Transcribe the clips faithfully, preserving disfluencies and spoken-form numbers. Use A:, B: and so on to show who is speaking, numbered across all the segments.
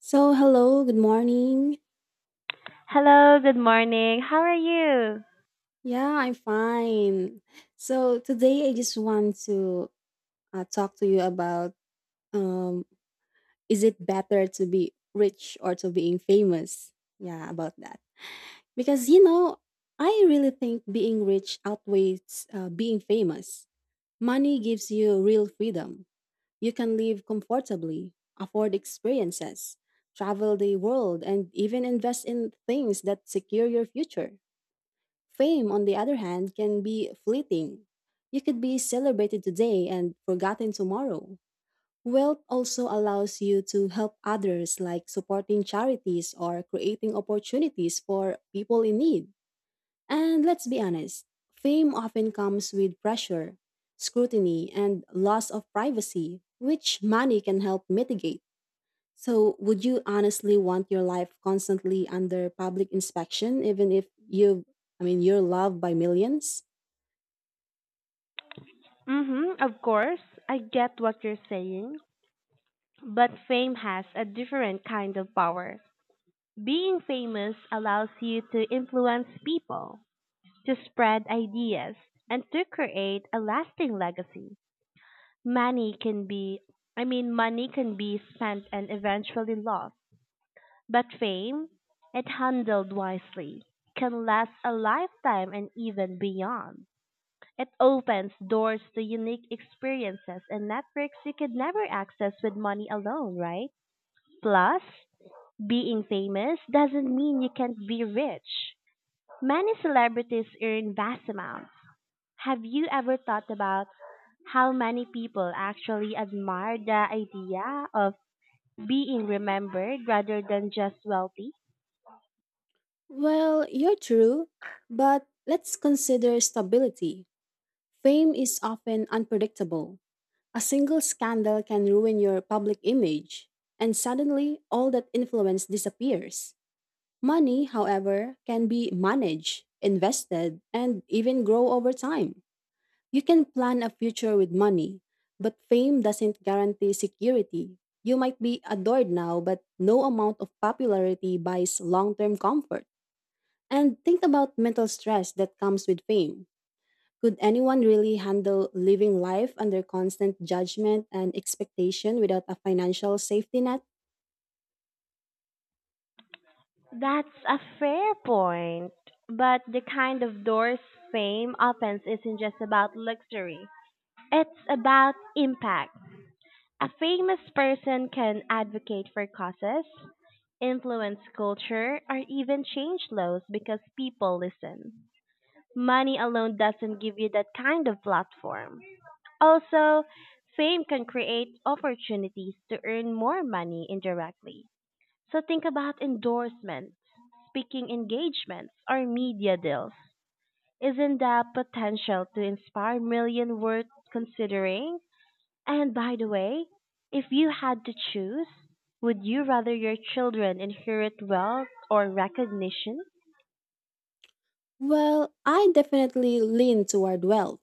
A: So, hello, good morning.
B: Hello, good morning. How are you?
A: Yeah, I'm fine. So, today I just want to uh, talk to you about um, is it better to be rich or to being famous? Yeah, about that. Because, you know, I really think being rich outweighs uh, being famous. Money gives you real freedom. You can live comfortably, afford experiences, travel the world, and even invest in things that secure your future. Fame, on the other hand, can be fleeting. You could be celebrated today and forgotten tomorrow. Wealth also allows you to help others, like supporting charities or creating opportunities for people in need. And let's be honest, fame often comes with pressure, scrutiny, and loss of privacy, which money can help mitigate. So, would you honestly want your life constantly under public inspection, even if you, I mean, you're loved by millions?
B: Mhm, of course. I get what you're saying, but fame has a different kind of power. Being famous allows you to influence people, to spread ideas, and to create a lasting legacy. Money can be I mean money can be spent and eventually lost, but fame, it handled wisely, can last a lifetime and even beyond. It opens doors to unique experiences and networks you could never access with money alone, right? Plus, being famous doesn't mean you can't be rich. Many celebrities earn vast amounts. Have you ever thought about how many people actually admire the idea of being remembered rather than just wealthy?
A: Well, you're true, but let's consider stability. Fame is often unpredictable. A single scandal can ruin your public image, and suddenly all that influence disappears. Money, however, can be managed, invested, and even grow over time. You can plan a future with money, but fame doesn't guarantee security. You might be adored now, but no amount of popularity buys long term comfort. And think about mental stress that comes with fame. Could anyone really handle living life under constant judgment and expectation without a financial safety net?
B: That's a fair point. But the kind of doors fame opens isn't just about luxury. It's about impact. A famous person can advocate for causes, influence culture, or even change laws because people listen. Money alone doesn't give you that kind of platform. Also, fame can create opportunities to earn more money indirectly. So think about endorsements, speaking engagements, or media deals. Isn't that potential to inspire million worth considering? And by the way, if you had to choose, would you rather your children inherit wealth or recognition?
A: Well, I definitely lean toward wealth.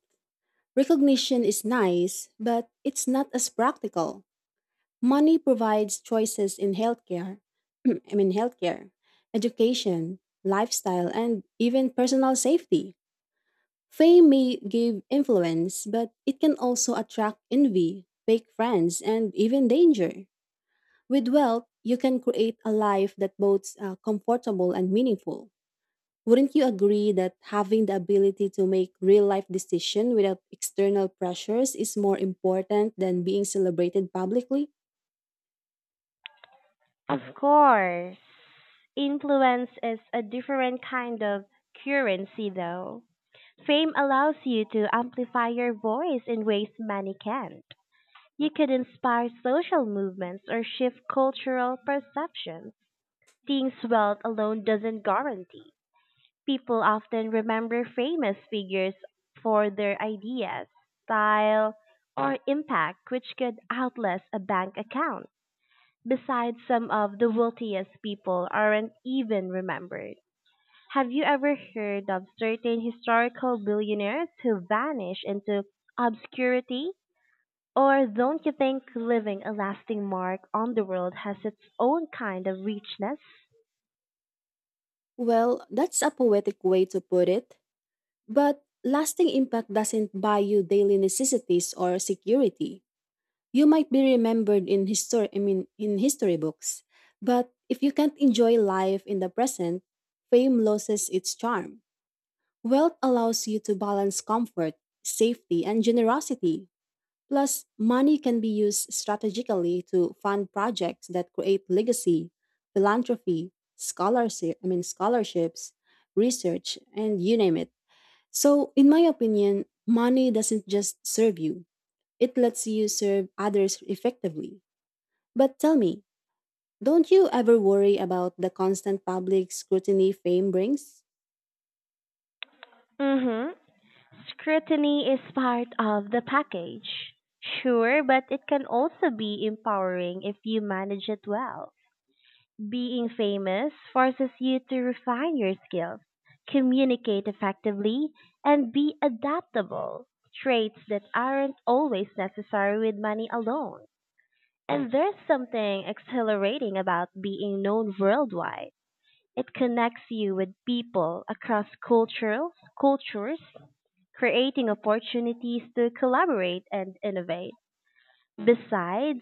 A: Recognition is nice, but it's not as practical. Money provides choices in healthcare, I mean healthcare, education, lifestyle, and even personal safety. Fame may give influence, but it can also attract envy, fake friends, and even danger. With wealth, you can create a life that both uh, comfortable and meaningful. Wouldn't you agree that having the ability to make real life decisions without external pressures is more important than being celebrated publicly?
B: Of course. Influence is a different kind of currency, though. Fame allows you to amplify your voice in ways many can't. You could inspire social movements or shift cultural perceptions, things wealth alone doesn't guarantee. People often remember famous figures for their ideas, style, or impact, which could outlast a bank account. Besides, some of the wealthiest people aren't even remembered. Have you ever heard of certain historical billionaires who vanish into obscurity? Or don't you think leaving a lasting mark on the world has its own kind of richness?
A: Well, that's a poetic way to put it, but lasting impact doesn't buy you daily necessities or security. You might be remembered in history, I mean, in history books, but if you can't enjoy life in the present, fame loses its charm. Wealth allows you to balance comfort, safety, and generosity. Plus, money can be used strategically to fund projects that create legacy, philanthropy, scholarship, I mean scholarships, research, and you name it. So, in my opinion, money doesn't just serve you. It lets you serve others effectively. But tell me, don't you ever worry about the constant public scrutiny fame brings?
B: Mm hmm. Scrutiny is part of the package. Sure, but it can also be empowering if you manage it well. Being famous forces you to refine your skills, communicate effectively, and be adaptable. Traits that aren't always necessary with money alone. And there's something exhilarating about being known worldwide. It connects you with people across cultural cultures creating opportunities to collaborate and innovate. Besides,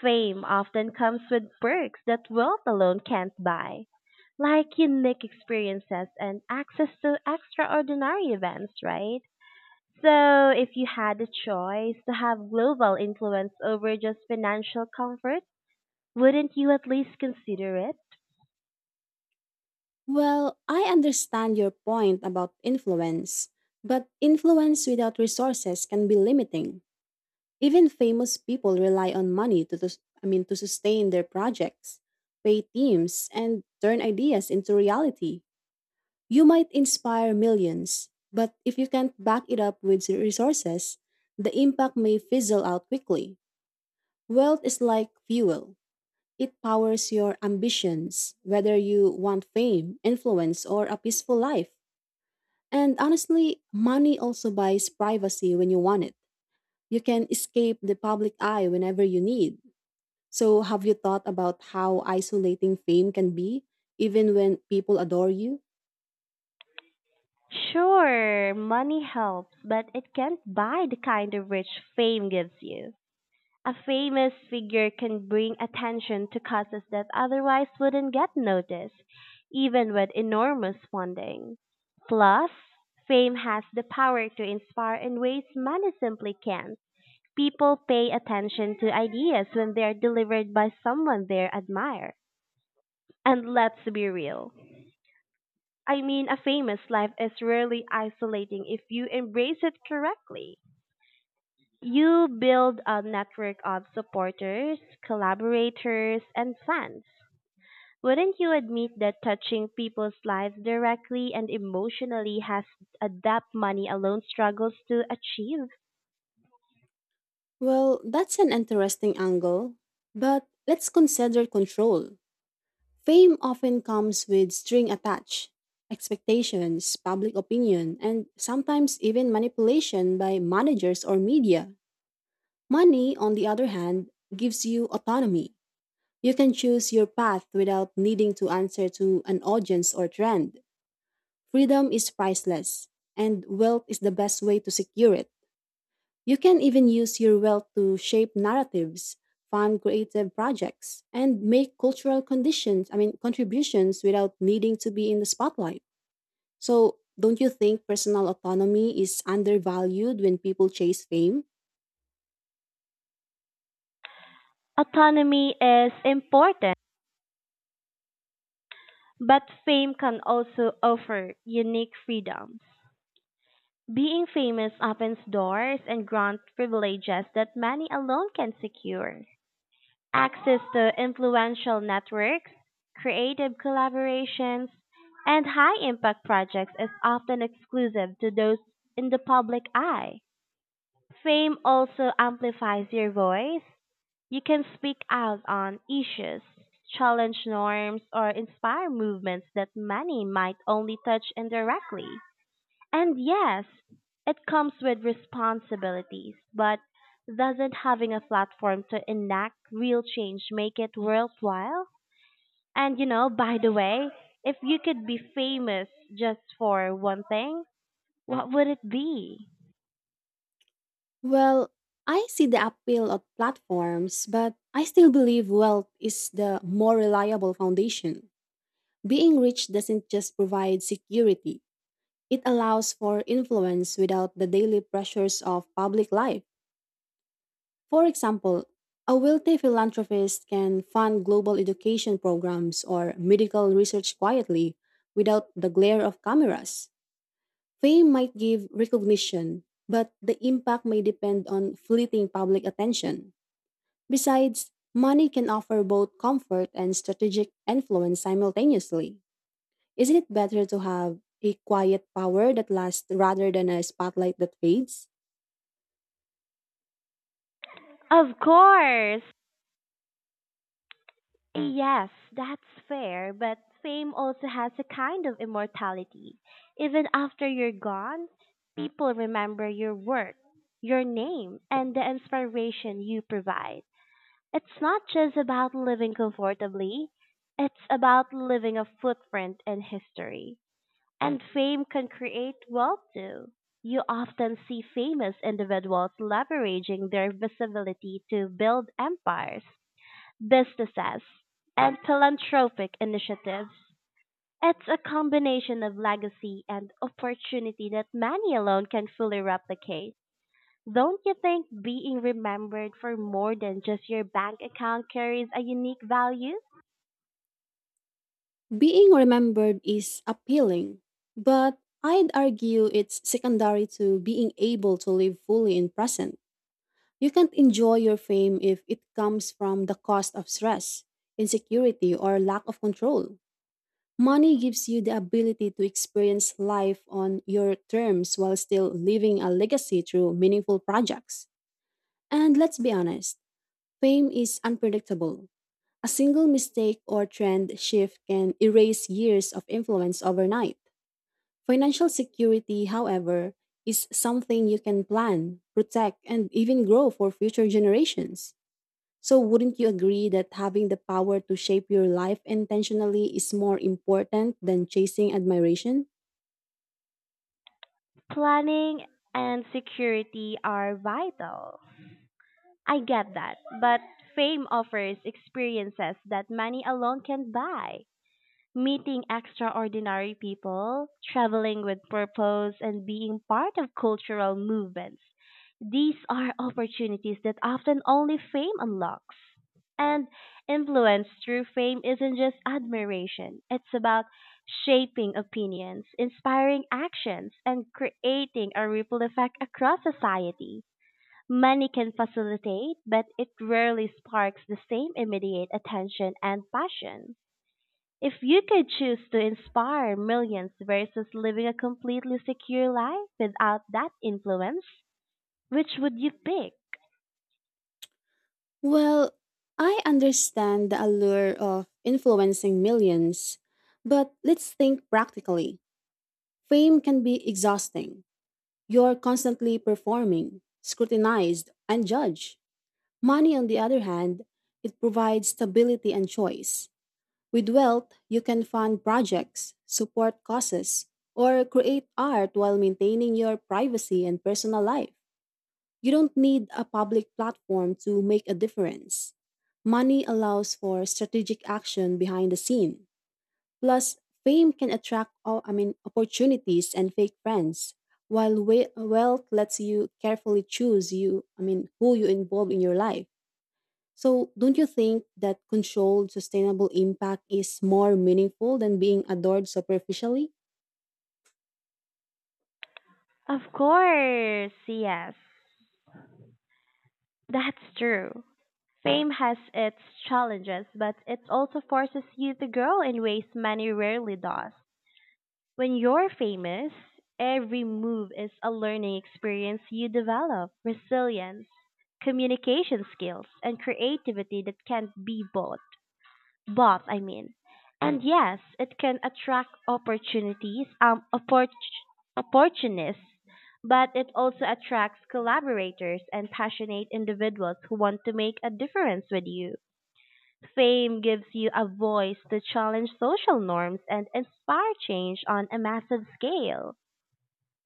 B: fame often comes with perks that wealth alone can't buy, like unique experiences and access to extraordinary events, right? So, if you had the choice to have global influence over just financial comfort, wouldn't you at least consider it?
A: Well, I understand your point about influence, but influence without resources can be limiting. Even famous people rely on money to, tus- I mean, to sustain their projects, pay teams, and turn ideas into reality. You might inspire millions, but if you can't back it up with resources, the impact may fizzle out quickly. Wealth is like fuel. It powers your ambitions, whether you want fame, influence, or a peaceful life. And honestly, money also buys privacy when you want it. You can escape the public eye whenever you need. So, have you thought about how isolating fame can be, even when people adore you?
B: Sure, money helps, but it can't buy the kind of rich fame gives you. A famous figure can bring attention to causes that otherwise wouldn't get noticed, even with enormous funding. Plus, fame has the power to inspire in ways money simply can't. People pay attention to ideas when they are delivered by someone they admire. And let's be real. I mean, a famous life is rarely isolating if you embrace it correctly. You build a network of supporters, collaborators, and fans. Wouldn't you admit that touching people's lives directly and emotionally has a depth money alone struggles to achieve?
A: Well, that's an interesting angle. But let's consider control. Fame often comes with string attached, expectations, public opinion, and sometimes even manipulation by managers or media. Money, on the other hand, gives you autonomy. You can choose your path without needing to answer to an audience or trend. Freedom is priceless, and wealth is the best way to secure it. You can even use your wealth to shape narratives, fund creative projects, and make cultural conditions, I mean, contributions without needing to be in the spotlight. So, don't you think personal autonomy is undervalued when people chase fame?
B: Autonomy is important, but fame can also offer unique freedoms. Being famous opens doors and grants privileges that money alone can secure. Access to influential networks, creative collaborations, and high impact projects is often exclusive to those in the public eye. Fame also amplifies your voice. You can speak out on issues, challenge norms, or inspire movements that many might only touch indirectly. And yes, it comes with responsibilities, but doesn't having a platform to enact real change make it worthwhile? And you know, by the way, if you could be famous just for one thing, what would it be?
A: Well, I see the appeal of platforms, but I still believe wealth is the more reliable foundation. Being rich doesn't just provide security, it allows for influence without the daily pressures of public life. For example, a wealthy philanthropist can fund global education programs or medical research quietly without the glare of cameras. Fame might give recognition, but the impact may depend on fleeting public attention. Besides, money can offer both comfort and strategic influence simultaneously. Isn't it better to have a quiet power that lasts rather than a spotlight that fades?
B: Of course! Yes, that's fair, but fame also has a kind of immortality. Even after you're gone, people remember your work, your name, and the inspiration you provide. It's not just about living comfortably, it's about leaving a footprint in history. And fame can create wealth too. You often see famous individuals leveraging their visibility to build empires, businesses, and philanthropic initiatives. It's a combination of legacy and opportunity that many alone can fully replicate. Don't you think being remembered for more than just your bank account carries a unique value?
A: Being remembered is appealing, but I'd argue it's secondary to being able to live fully in present. You can't enjoy your fame if it comes from the cost of stress, insecurity, or lack of control. Money gives you the ability to experience life on your terms while still leaving a legacy through meaningful projects. And let's be honest, fame is unpredictable. A single mistake or trend shift can erase years of influence overnight. Financial security, however, is something you can plan, protect, and even grow for future generations. So, wouldn't you agree that having the power to shape your life intentionally is more important than chasing admiration?
B: Planning and security are vital. I get that, but fame offers experiences that money alone can't buy. Meeting extraordinary people, traveling with purpose, and being part of cultural movements. These are opportunities that often only fame unlocks. And influence through fame isn't just admiration, it's about shaping opinions, inspiring actions, and creating a ripple effect across society. Money can facilitate, but it rarely sparks the same immediate attention and passion. If you could choose to inspire millions versus living a completely secure life without that influence, which would you pick?
A: Well, I understand the allure of influencing millions, but let's think practically. Fame can be exhausting. You're constantly performing, scrutinized, and judged. Money, on the other hand, it provides stability and choice. With wealth, you can fund projects, support causes, or create art while maintaining your privacy and personal life. You don't need a public platform to make a difference. Money allows for strategic action behind the scene. Plus, fame can attract all, I mean, opportunities and fake friends, while we- wealth lets you carefully choose you, I mean, who you involve in your life. So, don't you think that controlled, sustainable impact is more meaningful than being adored superficially?
B: Of course, yes. That's true. Fame has its challenges, but it also forces you to grow in ways money rarely does. When you're famous, every move is a learning experience you develop resilience, communication skills, and creativity that can't be bought. Both I mean and yes, it can attract opportunities um oppor- opportunists, but it also attracts collaborators and passionate individuals who want to make a difference with you. Fame gives you a voice to challenge social norms and inspire change on a massive scale.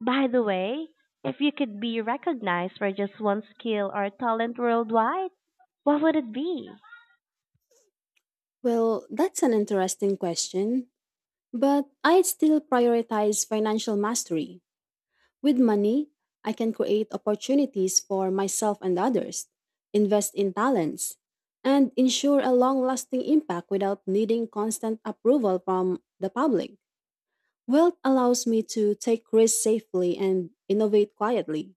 B: By the way, if you could be recognized for just one skill or talent worldwide, what would it be?
A: Well, that's an interesting question, but I'd still prioritize financial mastery. With money, I can create opportunities for myself and others, invest in talents, and ensure a long lasting impact without needing constant approval from the public. Wealth allows me to take risks safely and innovate quietly.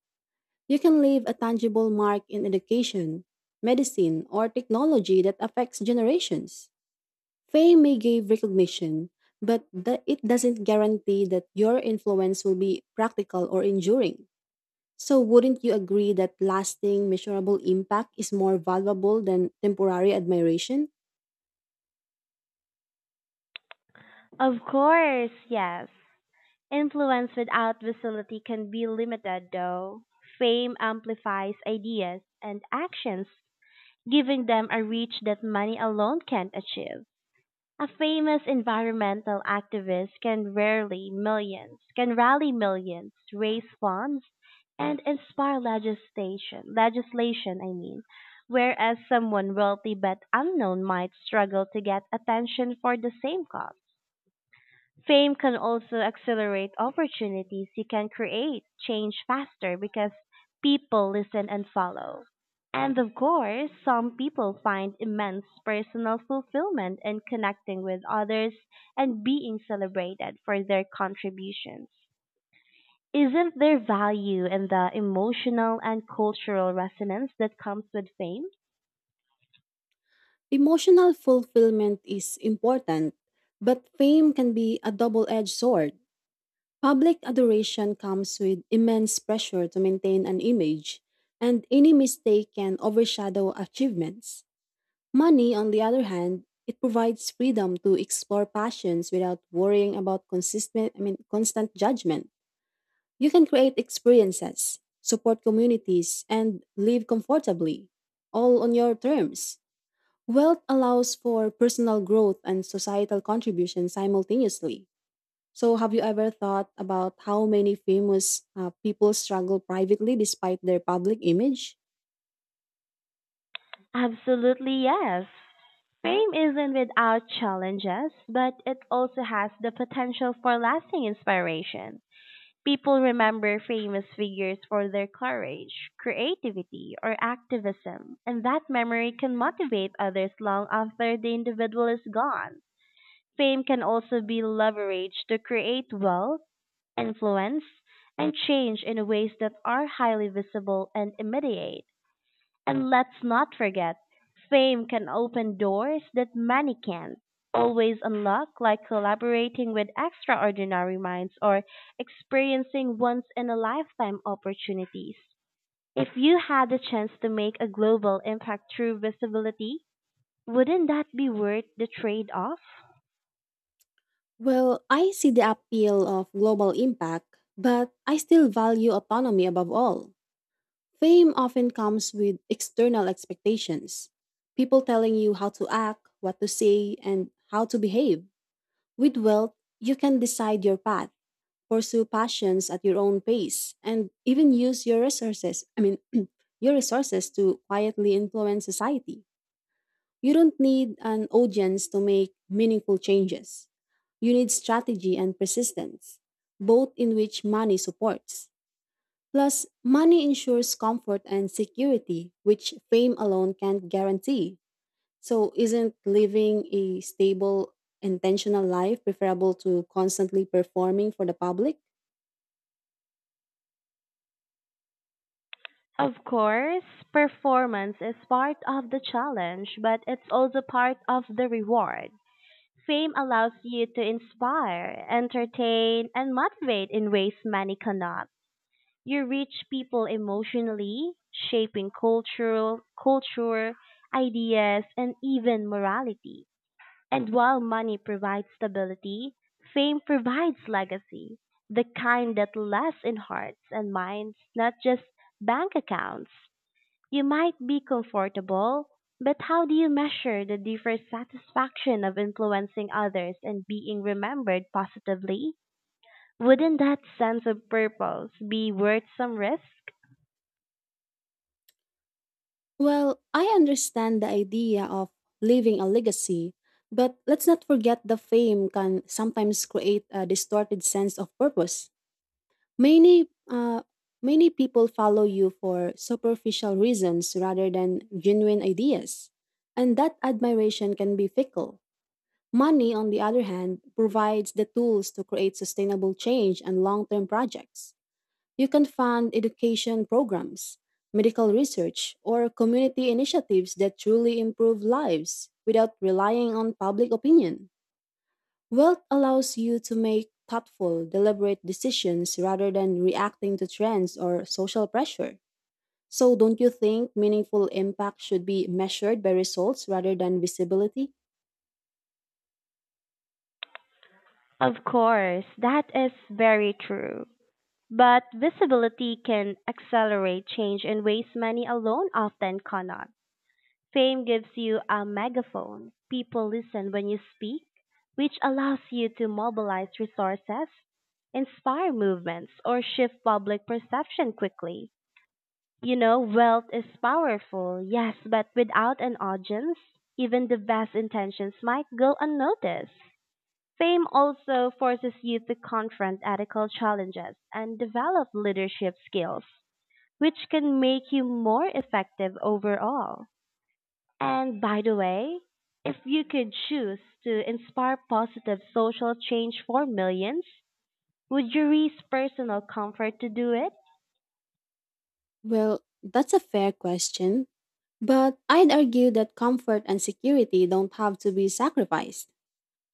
A: You can leave a tangible mark in education, medicine, or technology that affects generations. Fame may give recognition, but the- it doesn't guarantee that your influence will be practical or enduring. So, wouldn't you agree that lasting, measurable impact is more valuable than temporary admiration?
B: Of course, yes. Influence without visibility can be limited though. Fame amplifies ideas and actions, giving them a reach that money alone can't achieve. A famous environmental activist can rarely millions, can rally millions, raise funds, and inspire legislation, legislation, I mean, whereas someone wealthy but unknown might struggle to get attention for the same cause. Fame can also accelerate opportunities. You can create change faster because people listen and follow. And of course, some people find immense personal fulfillment in connecting with others and being celebrated for their contributions. Isn't there value in the emotional and cultural resonance that comes with fame?
A: Emotional fulfillment is important, but fame can be a double edged sword. Public adoration comes with immense pressure to maintain an image, and any mistake can overshadow achievements. Money, on the other hand, it provides freedom to explore passions without worrying about consistent, I mean, constant judgment. You can create experiences, support communities, and live comfortably, all on your terms. Wealth allows for personal growth and societal contribution simultaneously. So, have you ever thought about how many famous uh, people struggle privately despite their public image?
B: Absolutely, yes. Fame isn't without challenges, but it also has the potential for lasting inspiration. People remember famous figures for their courage, creativity, or activism, and that memory can motivate others long after the individual is gone. Fame can also be leveraged to create wealth, influence, and change in ways that are highly visible and immediate. And let's not forget, fame can open doors that money can't always unlock, like collaborating with extraordinary minds or experiencing once in a lifetime opportunities. If you had the chance to make a global impact through visibility, wouldn't that be worth the trade off?
A: Well, I see the appeal of global impact, but I still value autonomy above all. Fame often comes with external expectations, people telling you how to act, what to say, and how to behave. With wealth, you can decide your path, pursue passions at your own pace, and even use your resources, I mean, your resources to quietly influence society. You don't need an audience to make meaningful changes. You need strategy and persistence, both in which money supports. Plus, money ensures comfort and security, which fame alone can't guarantee. So, isn't living a stable, intentional life preferable to constantly performing for the public?
B: Of course, performance is part of the challenge, but it's also part of the reward. Fame allows you to inspire, entertain, and motivate in ways money cannot. You reach people emotionally, shaping cultural culture, ideas, and even morality. And while money provides stability, fame provides legacy, the kind that lasts in hearts and minds, not just bank accounts. You might be comfortable, but how do you measure the deeper satisfaction of influencing others and being remembered positively? Wouldn't that sense of purpose be worth some risk?
A: Well, I understand the idea of leaving a legacy, but let's not forget the fame can sometimes create a distorted sense of purpose. Many uh, many people follow you for superficial reasons rather than genuine ideas, and that admiration can be fickle. Money, on the other hand, provides the tools to create sustainable change and long-term projects. You can fund education programs, medical research, or community initiatives that truly improve lives without relying on public opinion. Wealth allows you to make thoughtful, deliberate decisions rather than reacting to trends or social pressure. So, don't you think meaningful impact should be measured by results rather than visibility?
B: Of course, that is very true. But visibility can accelerate change in ways many alone often cannot. Fame gives you a megaphone. People listen when you speak, which allows you to mobilize resources, inspire movements, or shift public perception quickly. You know, wealth is powerful, yes, but without an audience, even the best intentions might go unnoticed. Fame also forces you to confront ethical challenges and develop leadership skills, which can make you more effective overall. And by the way, if you could choose to inspire positive social change for millions, would you risk personal comfort to do it?
A: Well, that's a fair question. But I'd argue that comfort and security don't have to be sacrificed.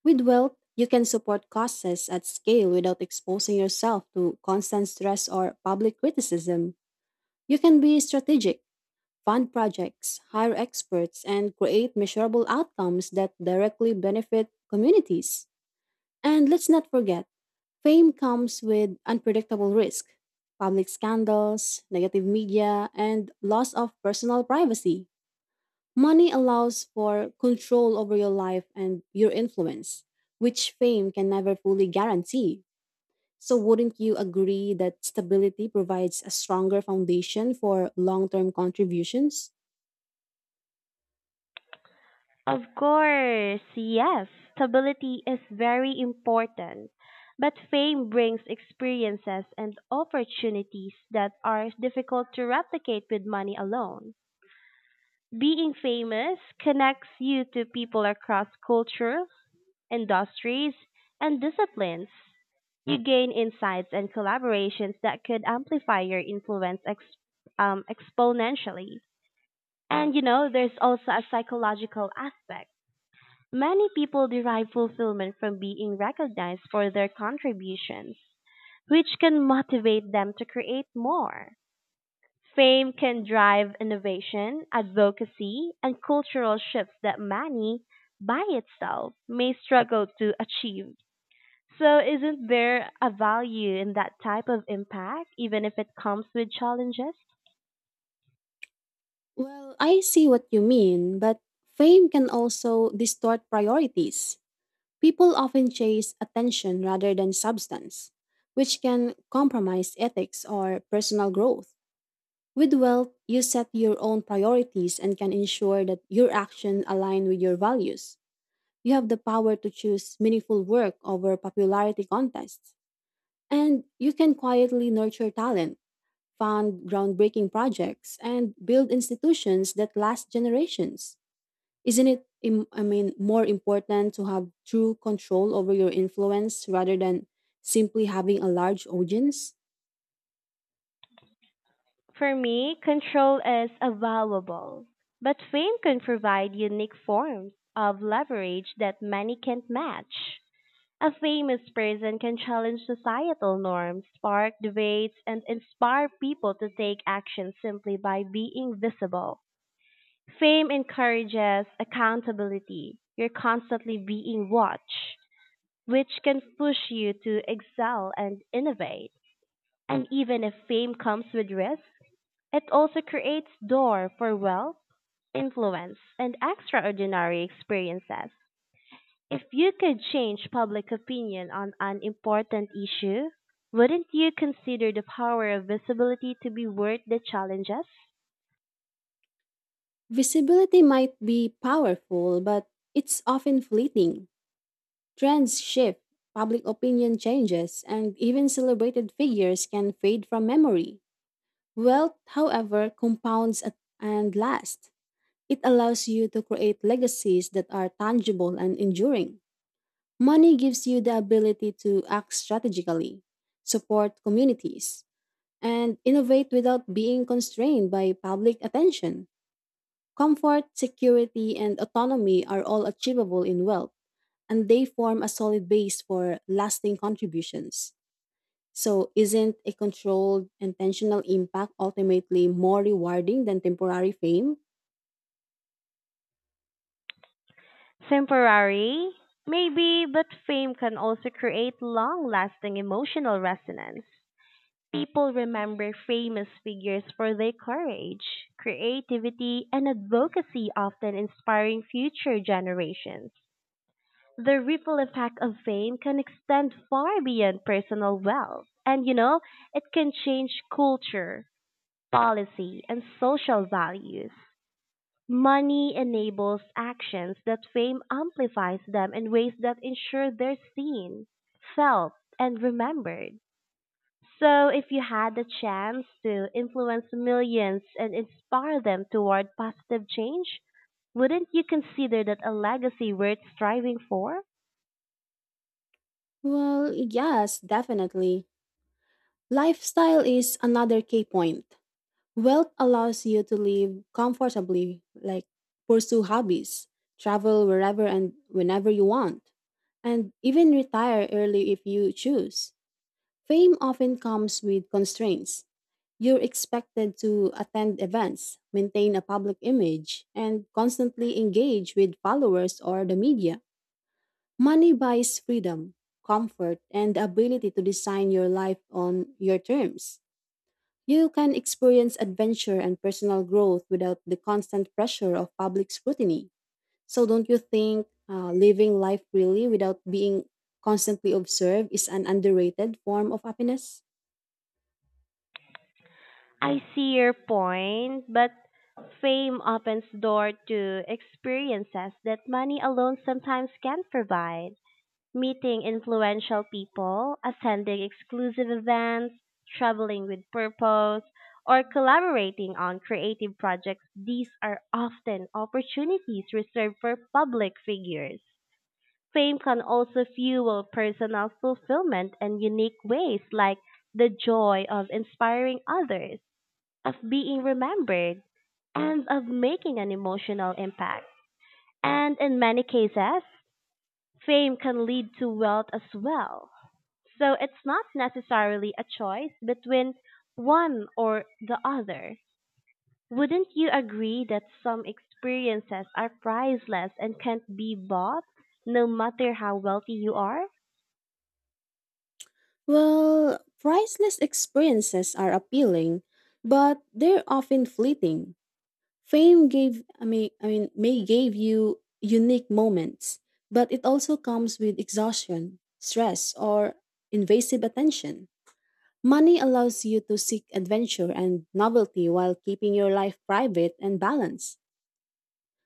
A: With wealth, you can support causes at scale without exposing yourself to constant stress or public criticism. You can be strategic, fund projects, hire experts, and create measurable outcomes that directly benefit communities. And let's not forget, fame comes with unpredictable risk, public scandals, negative media, and loss of personal privacy. Money allows for control over your life and your influence, which fame can never fully guarantee. So, wouldn't you agree that stability provides a stronger foundation for long term contributions?
B: Of course, yes. Stability is very important, but fame brings experiences and opportunities that are difficult to replicate with money alone. Being famous connects you to people across culture, industries, and disciplines. You gain insights and collaborations that could amplify your influence ex- um, exponentially. And you know, there's also a psychological aspect. Many people derive fulfillment from being recognized for their contributions, which can motivate them to create more. Fame can drive innovation, advocacy, and cultural shifts that money by itself may struggle to achieve. So, isn't there a value in that type of impact, even if it comes with challenges?
A: Well, I see what you mean, but fame can also distort priorities. People often chase attention rather than substance, which can compromise ethics or personal growth. With wealth, you set your own priorities and can ensure that your actions align with your values. You have the power to choose meaningful work over popularity contests. And you can quietly nurture talent, fund groundbreaking projects, and build institutions that last generations. Isn't it, im- I mean, more important to have true control over your influence rather than simply having a large audience?
B: For me, control is a valuable, but fame can provide unique forms of leverage that many can't match. A famous person can challenge societal norms, spark debates, and inspire people to take action simply by being visible. Fame encourages accountability. You're constantly being watched, which can push you to excel and innovate. And even if fame comes with risk, it also creates door for wealth, influence, and extraordinary experiences. If you could change public opinion on an important issue, wouldn't you consider the power of visibility to be worth the challenges?
A: Visibility might be powerful, but it's often fleeting. Trends shift, public opinion changes, and even celebrated figures can fade from memory. Wealth, however, compounds at- and lasts. It allows you to create legacies that are tangible and enduring. Money gives you the ability to act strategically, support communities, and innovate without being constrained by public attention. Comfort, security, and autonomy are all achievable in wealth, and they form a solid base for lasting contributions. So, isn't a controlled, intentional impact ultimately more rewarding than temporary fame?
B: Temporary, maybe, but fame can also create long lasting emotional resonance. People remember famous figures for their courage, creativity, and advocacy, often inspiring future generations. The ripple effect of fame can extend far beyond personal wealth, and you know, it can change culture, policy, and social values. Money enables actions that fame amplifies them in ways that ensure they're seen, felt, and remembered. So, if you had the chance to influence millions and inspire them toward positive change, wouldn't you consider that a legacy worth striving for?
A: Well, yes, definitely. Lifestyle is another key point. Wealth allows you to live comfortably, like pursue hobbies, travel wherever and whenever you want, and even retire early if you choose. Fame often comes with constraints. You're expected to attend events, maintain a public image, and constantly engage with followers or the media. Money buys freedom, comfort, and the ability to design your life on your terms. You can experience adventure and personal growth without the constant pressure of public scrutiny. So, don't you think uh, living life freely without being constantly observed is an underrated form of happiness?
B: I see your point, but fame opens door to experiences that money alone sometimes can't provide. Meeting influential people, attending exclusive events, traveling with purpose, or collaborating on creative projects, these are often opportunities reserved for public figures. Fame can also fuel personal fulfillment in unique ways, like the joy of inspiring others, of being remembered, and of making an emotional impact. And in many cases, fame can lead to wealth as well, so it's not necessarily a choice between one or the other. Wouldn't you agree that some experiences are priceless and can't be bought, no matter how wealthy you are?
A: Well, priceless experiences are appealing, but they're often fleeting. Fame gave, I mean, I mean, may give you unique moments, but it also comes with exhaustion, stress, or invasive attention. Money allows you to seek adventure and novelty while keeping your life private and balanced.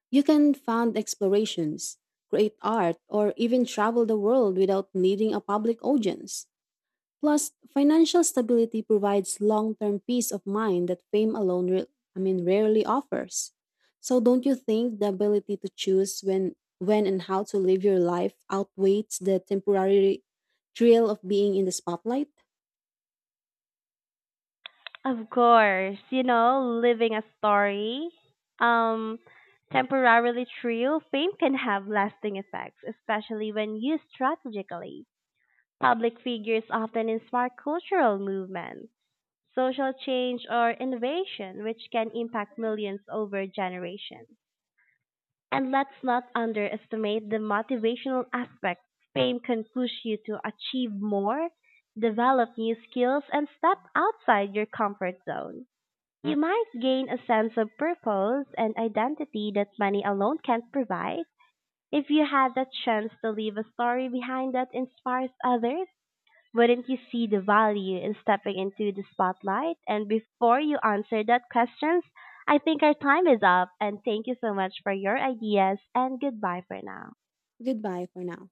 A: You can fund explorations, create art, or even travel the world without needing a public audience. Plus, financial stability provides long-term peace of mind that fame alone re- I mean rarely offers. So don't you think the ability to choose when when and how to live your life outweighs the temporary thrill of being in the spotlight?
B: Of course, you know, living a story, um, temporarily true, fame can have lasting effects, especially when used strategically. Public figures often inspire cultural movements, social change, or innovation which can impact millions over generations. And let's not underestimate the motivational aspect. Fame can push you to achieve more, develop new skills, and step outside your comfort zone. You might gain a sense of purpose and identity that money alone can't provide. If you had the chance to leave a story behind that inspires others, wouldn't you see the value in stepping into the spotlight? And before you answer that questions, I think our time is up and thank you so much for your ideas and goodbye for now.
A: Goodbye for now.